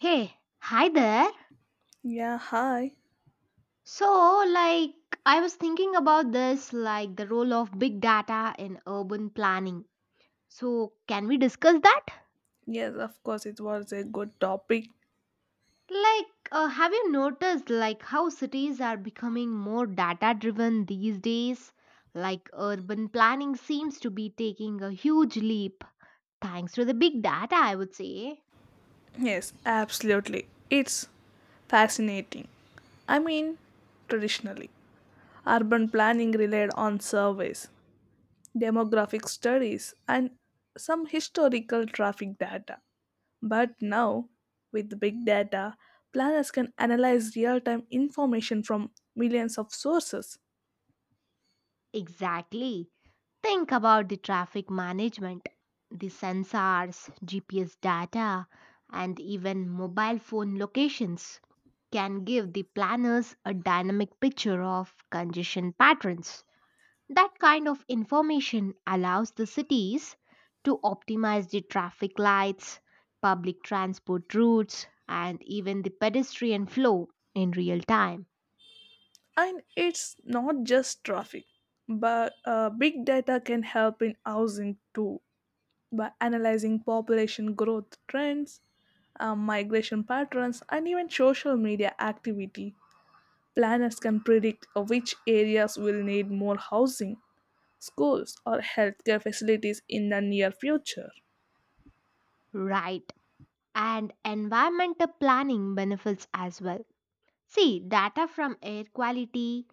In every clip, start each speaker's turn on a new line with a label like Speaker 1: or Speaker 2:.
Speaker 1: Hey, hi there.
Speaker 2: Yeah, hi.
Speaker 1: So, like, I was thinking about this, the role of big data in urban planning. So, can we discuss that?
Speaker 2: Yes, of course, it was a good topic.
Speaker 1: Have you noticed, how cities are becoming more data driven these days? Urban planning seems to be taking a huge leap thanks to the big data, I would say.
Speaker 2: Yes, absolutely. It's fascinating. I mean, traditionally, urban planning relied on surveys, demographic studies, and some historical traffic data. But now, with big data, planners can analyze real time information from millions of sources.
Speaker 1: Exactly. Think about the traffic management, the sensors, GPS data, and even mobile phone locations can give the planners a dynamic picture of congestion patterns. That kind of information allows the cities to optimize the traffic lights, public transport routes, and even the pedestrian flow in real time.
Speaker 2: And it's not just traffic, but big data can help in housing too by analyzing population growth trends, migration patterns, and even social media activity. Planners can predict which areas will need more housing, schools, or healthcare facilities in the near future.
Speaker 1: Right, and environmental planning benefits as well. See, data from air quality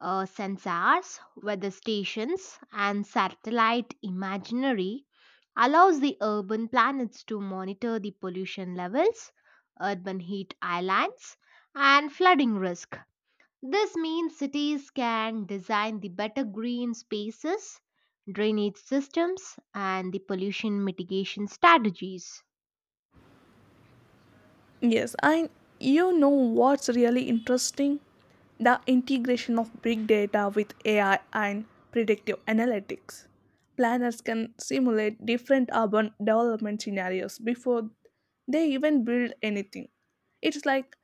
Speaker 1: sensors, weather stations, and satellite imaginary allows the urban planets to monitor the pollution levels, urban heat islands, and flooding risk. This means cities can design the better green spaces, drainage systems, and the pollution mitigation strategies.
Speaker 2: Yes, and you know what's really interesting? The integration of big data with AI and predictive analytics. Planners can simulate different urban development scenarios before they even build anything. It's like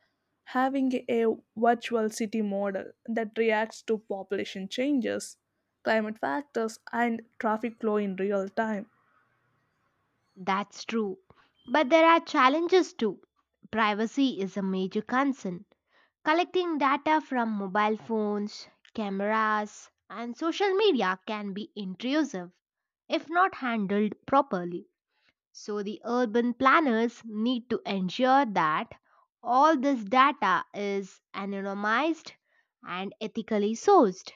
Speaker 2: having a virtual city model that reacts to population changes, climate factors, and traffic flow in real time.
Speaker 1: That's true. But there are challenges too. Privacy is a major concern. Collecting data from mobile phones, cameras, and social media can be intrusive if not handled properly. So, the urban planners need to ensure that all this data is anonymized and ethically sourced.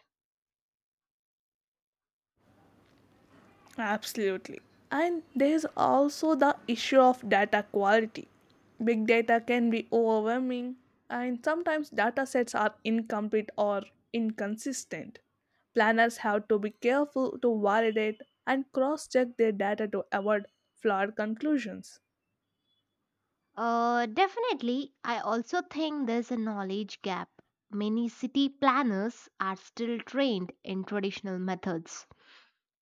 Speaker 2: Absolutely. And there's also the issue of data quality. Big data can be overwhelming, and sometimes data sets are incomplete or inconsistent. Planners have to be careful to validate and cross check their data to avoid flawed conclusions.
Speaker 1: Definitely, I also think there's a knowledge gap. Many city planners are still trained in traditional methods,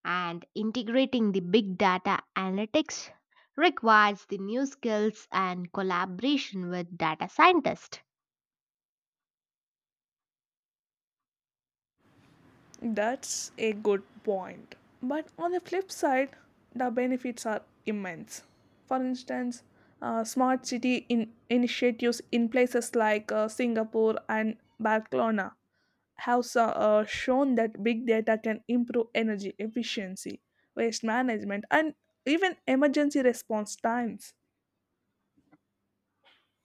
Speaker 1: and integrating the big data analytics requires the new skills and collaboration with data scientists.
Speaker 2: That's a good point. But on the flip side, the benefits are immense. For instance, smart city initiatives in places like Singapore and Barcelona have shown that big data can improve energy efficiency, waste management, and even emergency response times.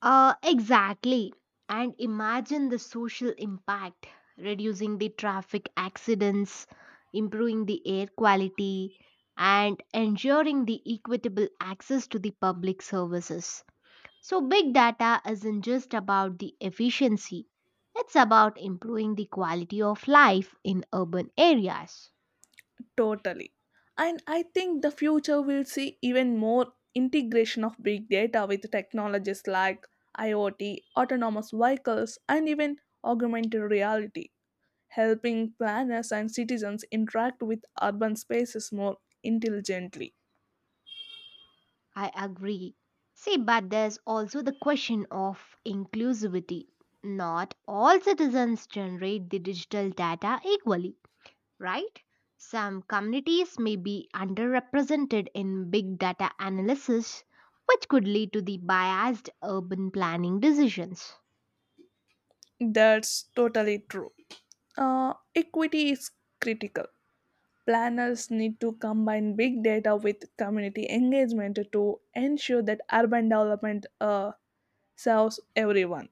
Speaker 1: Exactly. And imagine the social impact reducing the traffic accidents, improving the air quality, and ensuring the equitable access to the public services. So, big data isn't just about the efficiency, it's about improving the quality of life in urban areas.
Speaker 2: Totally. And I think the future will see even more integration of big data with technologies like IoT, autonomous vehicles, and even augmented reality, helping planners and citizens interact with urban spaces more intelligently.
Speaker 1: I agree. See, but there's also the question of inclusivity. Not all citizens generate the digital data equally, right? Some communities may be underrepresented in big data analysis, which could lead to the biased urban planning decisions.
Speaker 2: That's totally true. Equity is critical. Planners need to combine big data with community engagement to ensure that urban development serves everyone,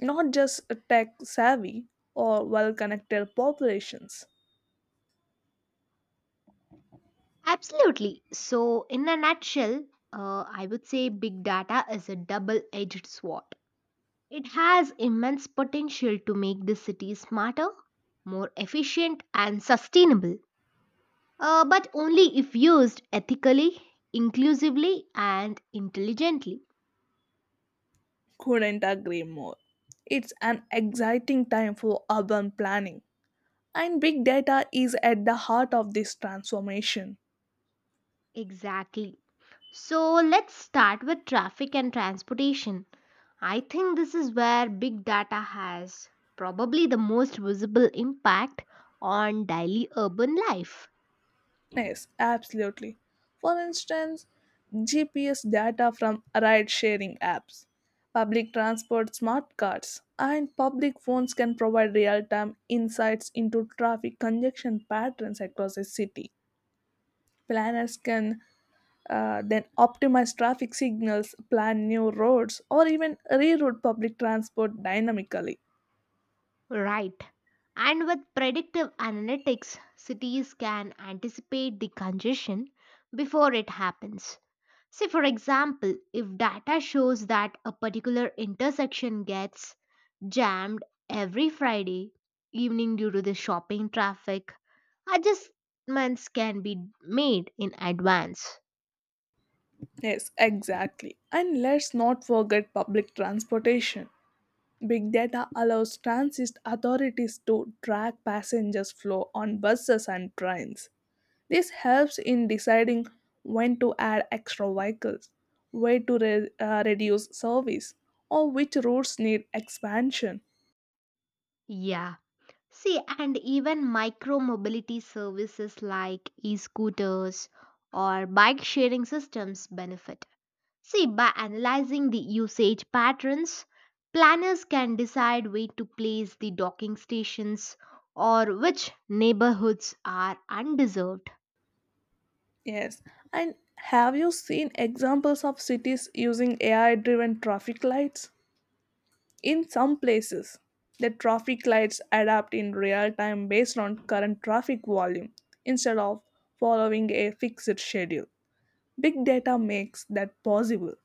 Speaker 2: not just tech savvy or well connected populations.
Speaker 1: Absolutely. So, in a nutshell, I would say big data is a double edged sword. It has immense potential to make the city smarter, more efficient, and sustainable, but only if used ethically, inclusively, and intelligently.
Speaker 2: Couldn't agree more. It's an exciting time for urban planning, and big data is at the heart of this transformation.
Speaker 1: Exactly. So let's start with traffic and transportation. I think this is where big data has probably the most visible impact on daily urban life.
Speaker 2: Yes, absolutely. For instance, GPS data from ride sharing apps, public transport smart cards, and public phones can provide real time insights into traffic congestion patterns across a city. Planners can then optimize traffic signals, plan new roads, or even reroute public transport dynamically.
Speaker 1: Right. And with predictive analytics, cities can anticipate the congestion before it happens. Say, for example, if data shows that a particular intersection gets jammed every Friday evening due to the shopping traffic, adjustments can be made in advance.
Speaker 2: Yes, exactly. And let's not forget public transportation. Big data allows transit authorities to track passengers' flow on buses and trains. This helps in deciding when to add extra vehicles, where to reduce service, or which routes need expansion.
Speaker 1: Yeah. See, and even micro mobility services like e scooters or bike sharing systems benefit. See, by analyzing the usage patterns, planners can decide where to place the docking stations or which neighborhoods are undeserved.
Speaker 2: Yes. And have you seen examples of cities using AI driven traffic lights? In some places, the traffic lights adapt in real time based on current traffic volume instead of following a fixed schedule. Big data makes that possible.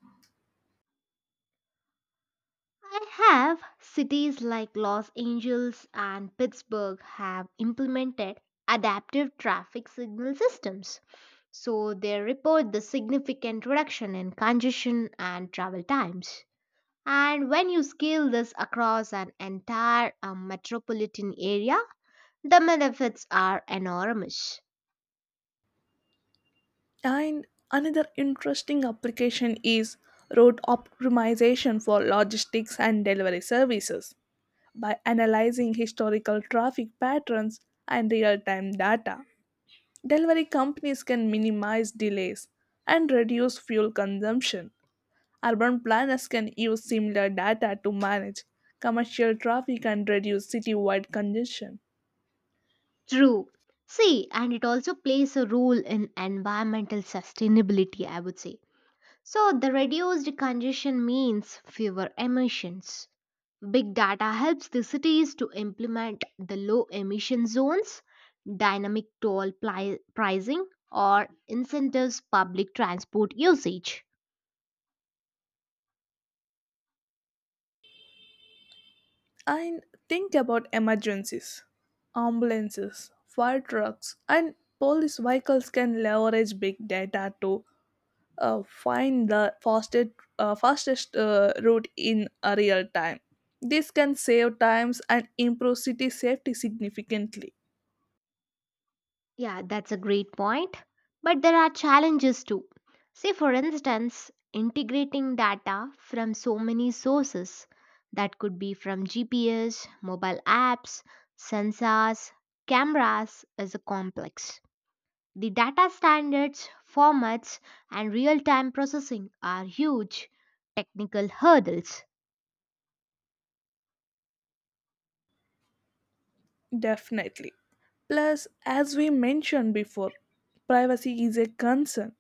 Speaker 1: I have cities like Los Angeles and Pittsburgh have implemented adaptive traffic signal systems. So they report the significant reduction in congestion and travel times. And when you scale this across an entire metropolitan area, the benefits are enormous.
Speaker 2: And another interesting application is route optimization for logistics and delivery services by analyzing historical traffic patterns and real time data. Delivery companies can minimize delays and reduce fuel consumption. Urban planners can use similar data to manage commercial traffic and reduce citywide congestion.
Speaker 1: True. See, and it also plays a role in environmental sustainability, I would say. So, the reduced congestion means fewer emissions. Big data helps the cities to implement the low emission zones, dynamic pricing, or incentives public transport usage.
Speaker 2: And think about emergencies. Ambulances, fire trucks, and police vehicles can leverage big data to find the fastest route in a real time. This can save times and improve city safety significantly.
Speaker 1: Yeah, that's a great point. But there are challenges too. Say, for instance, integrating data from so many sources. That could be from GPS, mobile apps, sensors, cameras, is a complex. The data standards, formats, and real time processing are huge technical hurdles.
Speaker 2: Definitely. Plus, as we mentioned before, privacy is a concern.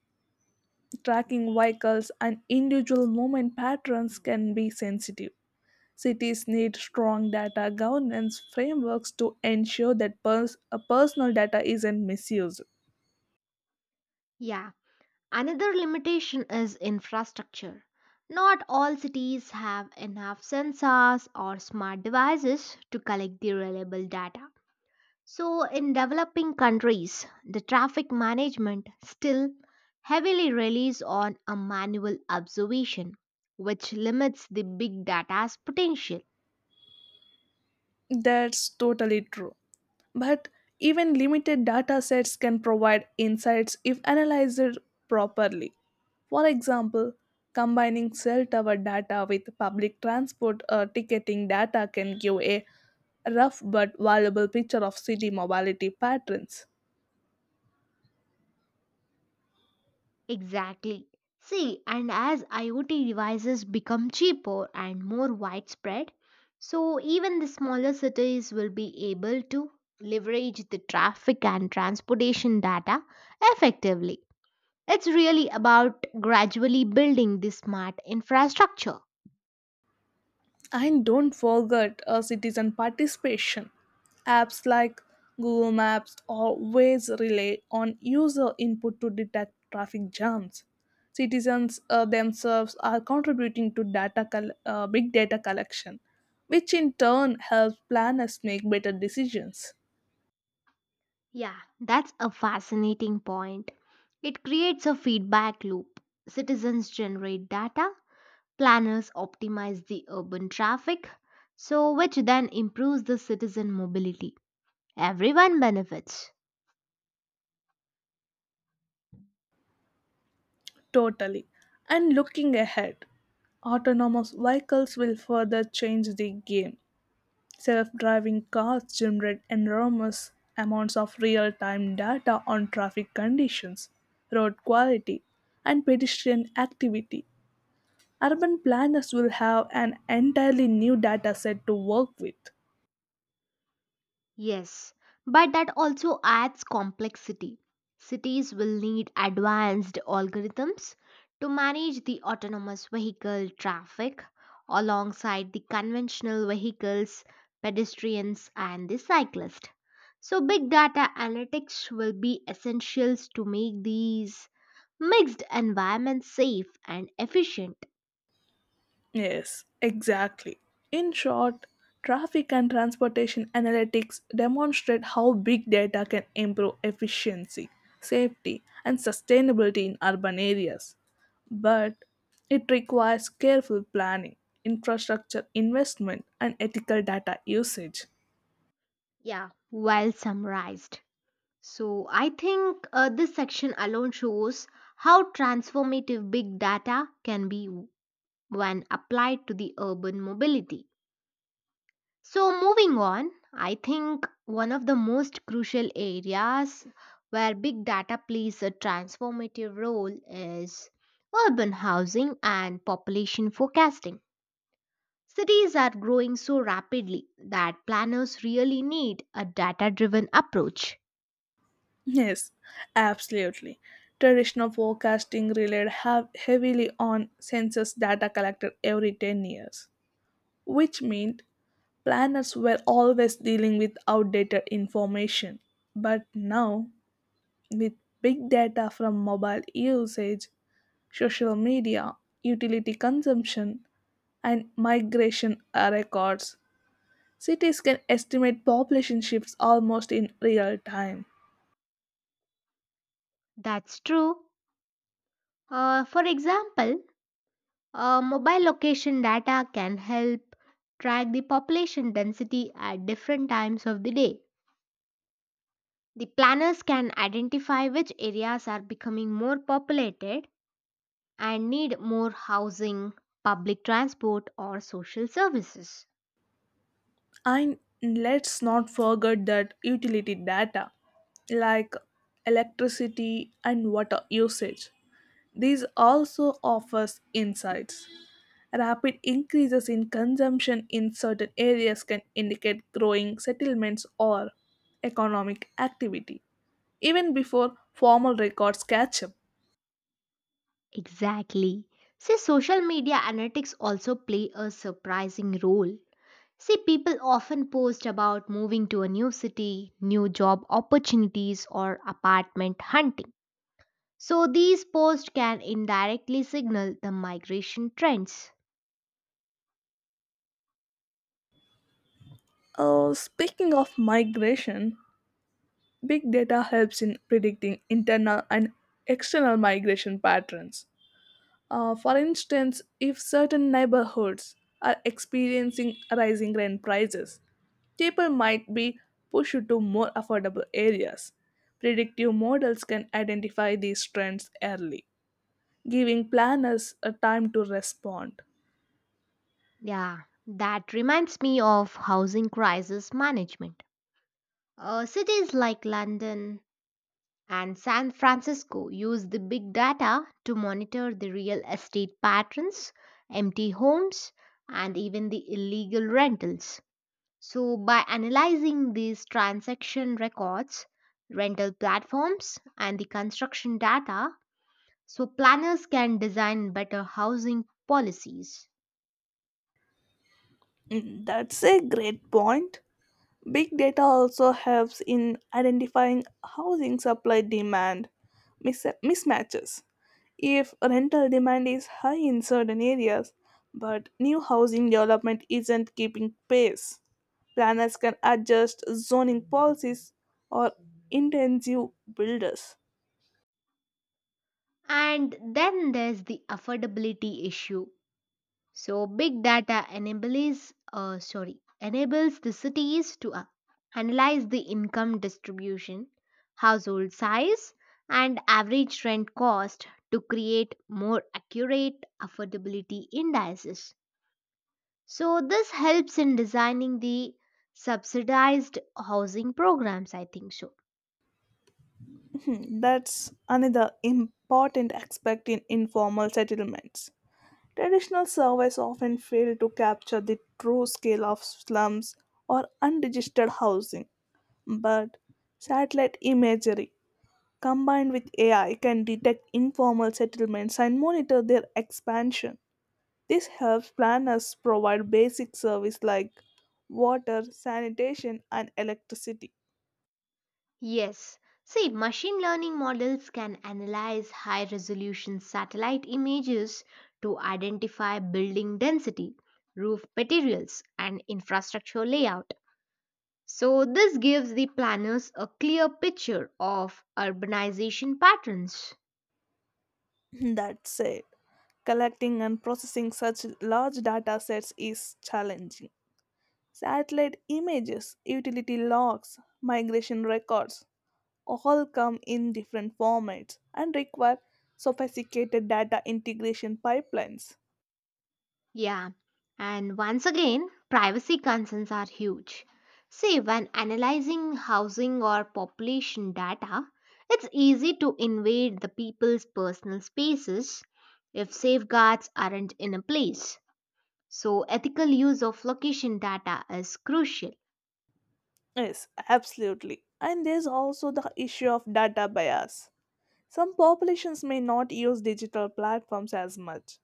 Speaker 2: Tracking vehicles and individual movement patterns can be sensitive. Cities need strong data governance frameworks to ensure that personal data isn't misused.
Speaker 1: Yeah, another limitation is infrastructure. Not all cities have enough sensors or smart devices to collect the reliable data. So, in developing countries, the traffic management still heavily relies on a manual observation, which limits the big data's potential.
Speaker 2: That's totally true. But even limited data sets can provide insights if analyzed properly. For example, combining cell tower data with public transport or ticketing data can give a rough but valuable picture of city mobility patterns.
Speaker 1: Exactly. See, and as IoT devices become cheaper and more widespread, so even the smaller cities will be able to leverage the traffic and transportation data effectively. It's really about gradually building the smart infrastructure.
Speaker 2: And don't forget citizen participation. Apps like Google Maps always rely on user input to detect traffic jams. Citizens themselves are contributing to data big data collection, which in turn helps planners make better decisions.
Speaker 1: Yeah, that's a fascinating point. It creates a feedback loop. Citizens generate data, planners optimize the urban traffic, so which then improves the citizen mobility. Everyone benefits.
Speaker 2: Totally. And looking ahead, autonomous vehicles will further change the game. Self driving cars generate enormous amounts of real time data on traffic conditions, road quality, and pedestrian activity. Urban planners will have an entirely new data set to work with.
Speaker 1: Yes, but that also adds complexity. Cities will need advanced algorithms to manage the autonomous vehicle traffic alongside the conventional vehicles, pedestrians, and the cyclist. So, big data analytics will be essentials to make these mixed environments safe and efficient.
Speaker 2: Yes, exactly. In short, traffic and transportation analytics demonstrate how big data can improve efficiency, safety, and sustainability in urban areas, but it requires careful planning, infrastructure investment, and ethical data usage.
Speaker 1: Yeah, well summarized. So I think this section alone shows how transformative big data can be when applied to the urban mobility. So moving on, I think one of the most crucial areas where big data plays a transformative role is urban housing and population forecasting. Cities are growing so rapidly that planners really need a data driven approach.
Speaker 2: Yes, absolutely. Traditional forecasting relied have heavily on census data collected every 10 years, which meant planners were always dealing with outdated information. But now, with big data from mobile usage, social media, utility consumption, and migration records, cities can estimate population shifts almost in real time.
Speaker 1: That's true. For example, mobile location data can help track the population density at different times of the day. The planners can identify which areas are becoming more populated and need more housing, public transport, or social services.
Speaker 2: And let's not forget that utility data like electricity and water usage. These also offers insights. Rapid increases in consumption in certain areas can indicate growing settlements or economic activity, even before formal records catch up.
Speaker 1: Exactly. See, social media analytics also play a surprising role. See, people often post about moving to a new city, new job opportunities, or apartment hunting. So these posts can indirectly signal the migration trends.
Speaker 2: Speaking of migration, big data helps in predicting internal and external migration patterns. For instance, if certain neighborhoods are experiencing rising rent prices, people might be pushed to more affordable areas. Predictive models can identify these trends early, giving planners a time to respond.
Speaker 1: Yeah, that reminds me of housing crisis management. Cities like London and San Francisco use the big data to monitor the real estate patterns, empty homes, and even the illegal rentals. So by analyzing these transaction records, rental platforms, and the construction data, so planners can design better housing policies.
Speaker 2: Mm, that's a great point. Big data also helps in identifying housing supply demand mismatches. If rental demand is high in certain areas, but new housing development isn't keeping pace, planners can adjust zoning policies or intensive builders.
Speaker 1: And then there's the affordability issue. So big data enables the cities to analyze the income distribution, household size, and average rent cost to create more accurate affordability indices. So this helps in designing the subsidized housing programs, I think so.
Speaker 2: Hmm, that's another important aspect in informal settlements. Traditional surveys often fail to capture the true scale of slums or unregistered housing, but satellite imagery combined with AI can detect informal settlements and monitor their expansion. This helps planners provide basic service like water, sanitation, and electricity.
Speaker 1: Yes. See, machine learning models can analyze high resolution satellite images to identify building density, roof materials, and infrastructure layout. So, this gives the planners a clear picture of urbanization patterns.
Speaker 2: That said, collecting and processing such large data sets is challenging. Satellite images, utility logs, migration records all come in different formats and require sophisticated data integration pipelines.
Speaker 1: Yeah, and once again, privacy concerns are huge. See, when analyzing housing or population data, it's easy to invade the people's personal spaces if safeguards aren't in a place. So, ethical use of location data is crucial.
Speaker 2: Yes, absolutely. And there's also the issue of data bias. Some populations may not use digital platforms as much,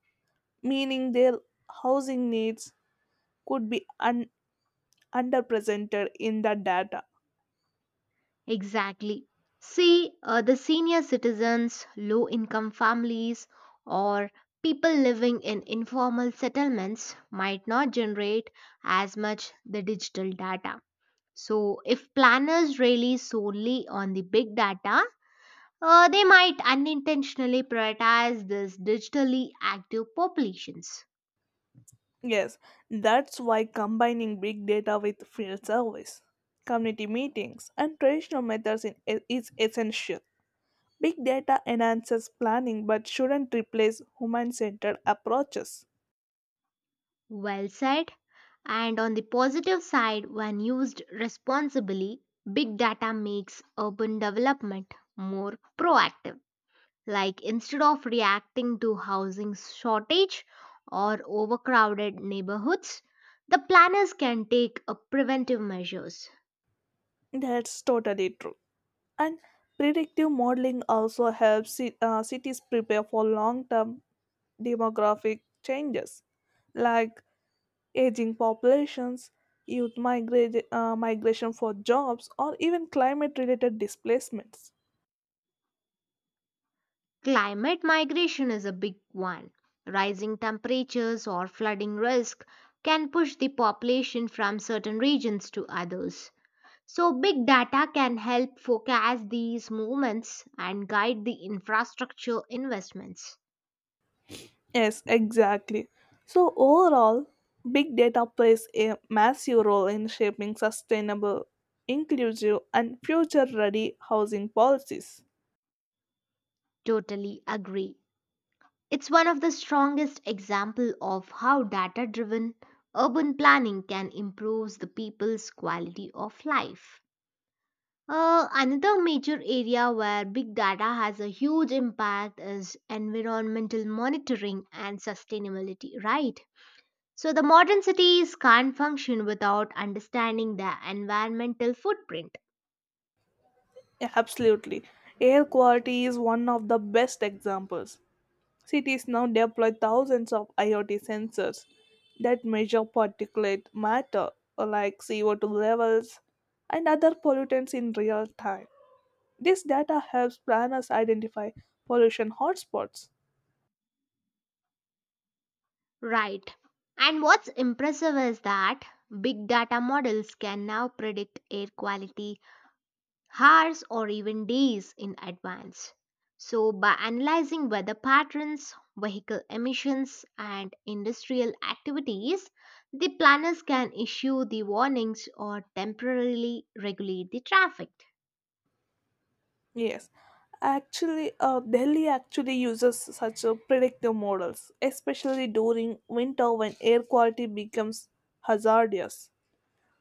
Speaker 2: meaning their housing needs could be underrepresented in the data.
Speaker 1: Exactly. See, the senior citizens, low income families, or people living in informal settlements might not generate as much the digital data. So, if planners rely solely on the big data, they might unintentionally prioritize these digitally active populations.
Speaker 2: Yes, that's why combining big data with field service, community meetings, and traditional methods is essential. Big data enhances planning but shouldn't replace human centered approaches.
Speaker 1: Well said. And on the positive side, when used responsibly, big data makes urban development more proactive. Like instead of reacting to housing shortage or overcrowded neighborhoods, the planners can take a preventive measures.
Speaker 2: That's totally true. And predictive modeling also helps cities prepare for long term demographic changes like aging populations, youth migration for jobs, or even climate related displacements.
Speaker 1: Climate migration is a big one. Rising temperatures or flooding risk can push the population from certain regions to others. So, big data can help forecast these movements and guide the infrastructure investments.
Speaker 2: Yes, exactly. So, overall, big data plays a massive role in shaping sustainable, inclusive, and future ready housing policies.
Speaker 1: Totally agree. It's one of the strongest example of how data-driven urban planning can improve the people's quality of life. Another major area where big data has a huge impact is environmental monitoring and sustainability, right? So the modern cities can't function without understanding their environmental footprint.
Speaker 2: Yeah, absolutely. Air quality is one of the best examples. Cities now deploy thousands of IoT sensors that measure particulate matter like CO2 levels and other pollutants in real time. This data helps planners identify pollution hotspots.
Speaker 1: Right. And what's impressive is that big data models can now predict air quality hours or even days in advance. So, by analyzing weather patterns, vehicle emissions, and industrial activities, the planners can issue the warnings or temporarily regulate the traffic.
Speaker 2: Yes, actually, Delhi actually uses such predictive models, especially during winter when air quality becomes hazardous.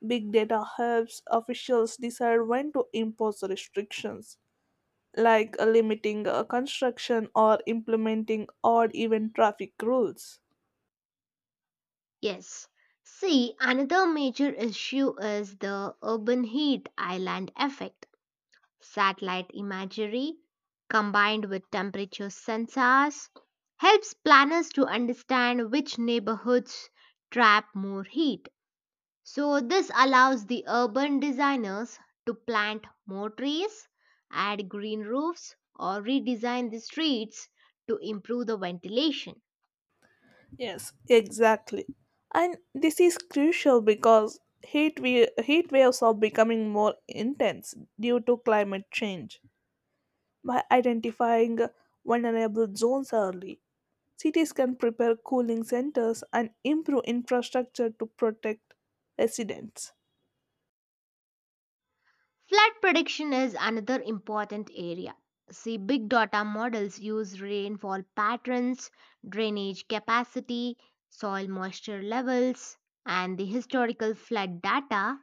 Speaker 2: Big data helps officials decide when to impose restrictions, like limiting construction or implementing odd even traffic rules.
Speaker 1: Yes. See, another major issue is the urban heat island effect. Satellite imagery combined with temperature sensors helps planners to understand which neighborhoods trap more heat. So, this allows the urban designers to plant more trees, add green roofs, or redesign the streets to improve the ventilation.
Speaker 2: Yes, exactly. And this is crucial because heat waves are becoming more intense due to climate change by identifying vulnerable zones early. Cities can prepare cooling centers and improve infrastructure to protect residents.
Speaker 1: Flood prediction is another important area. See, big data models use rainfall patterns, drainage capacity, soil moisture levels, and the historical flood data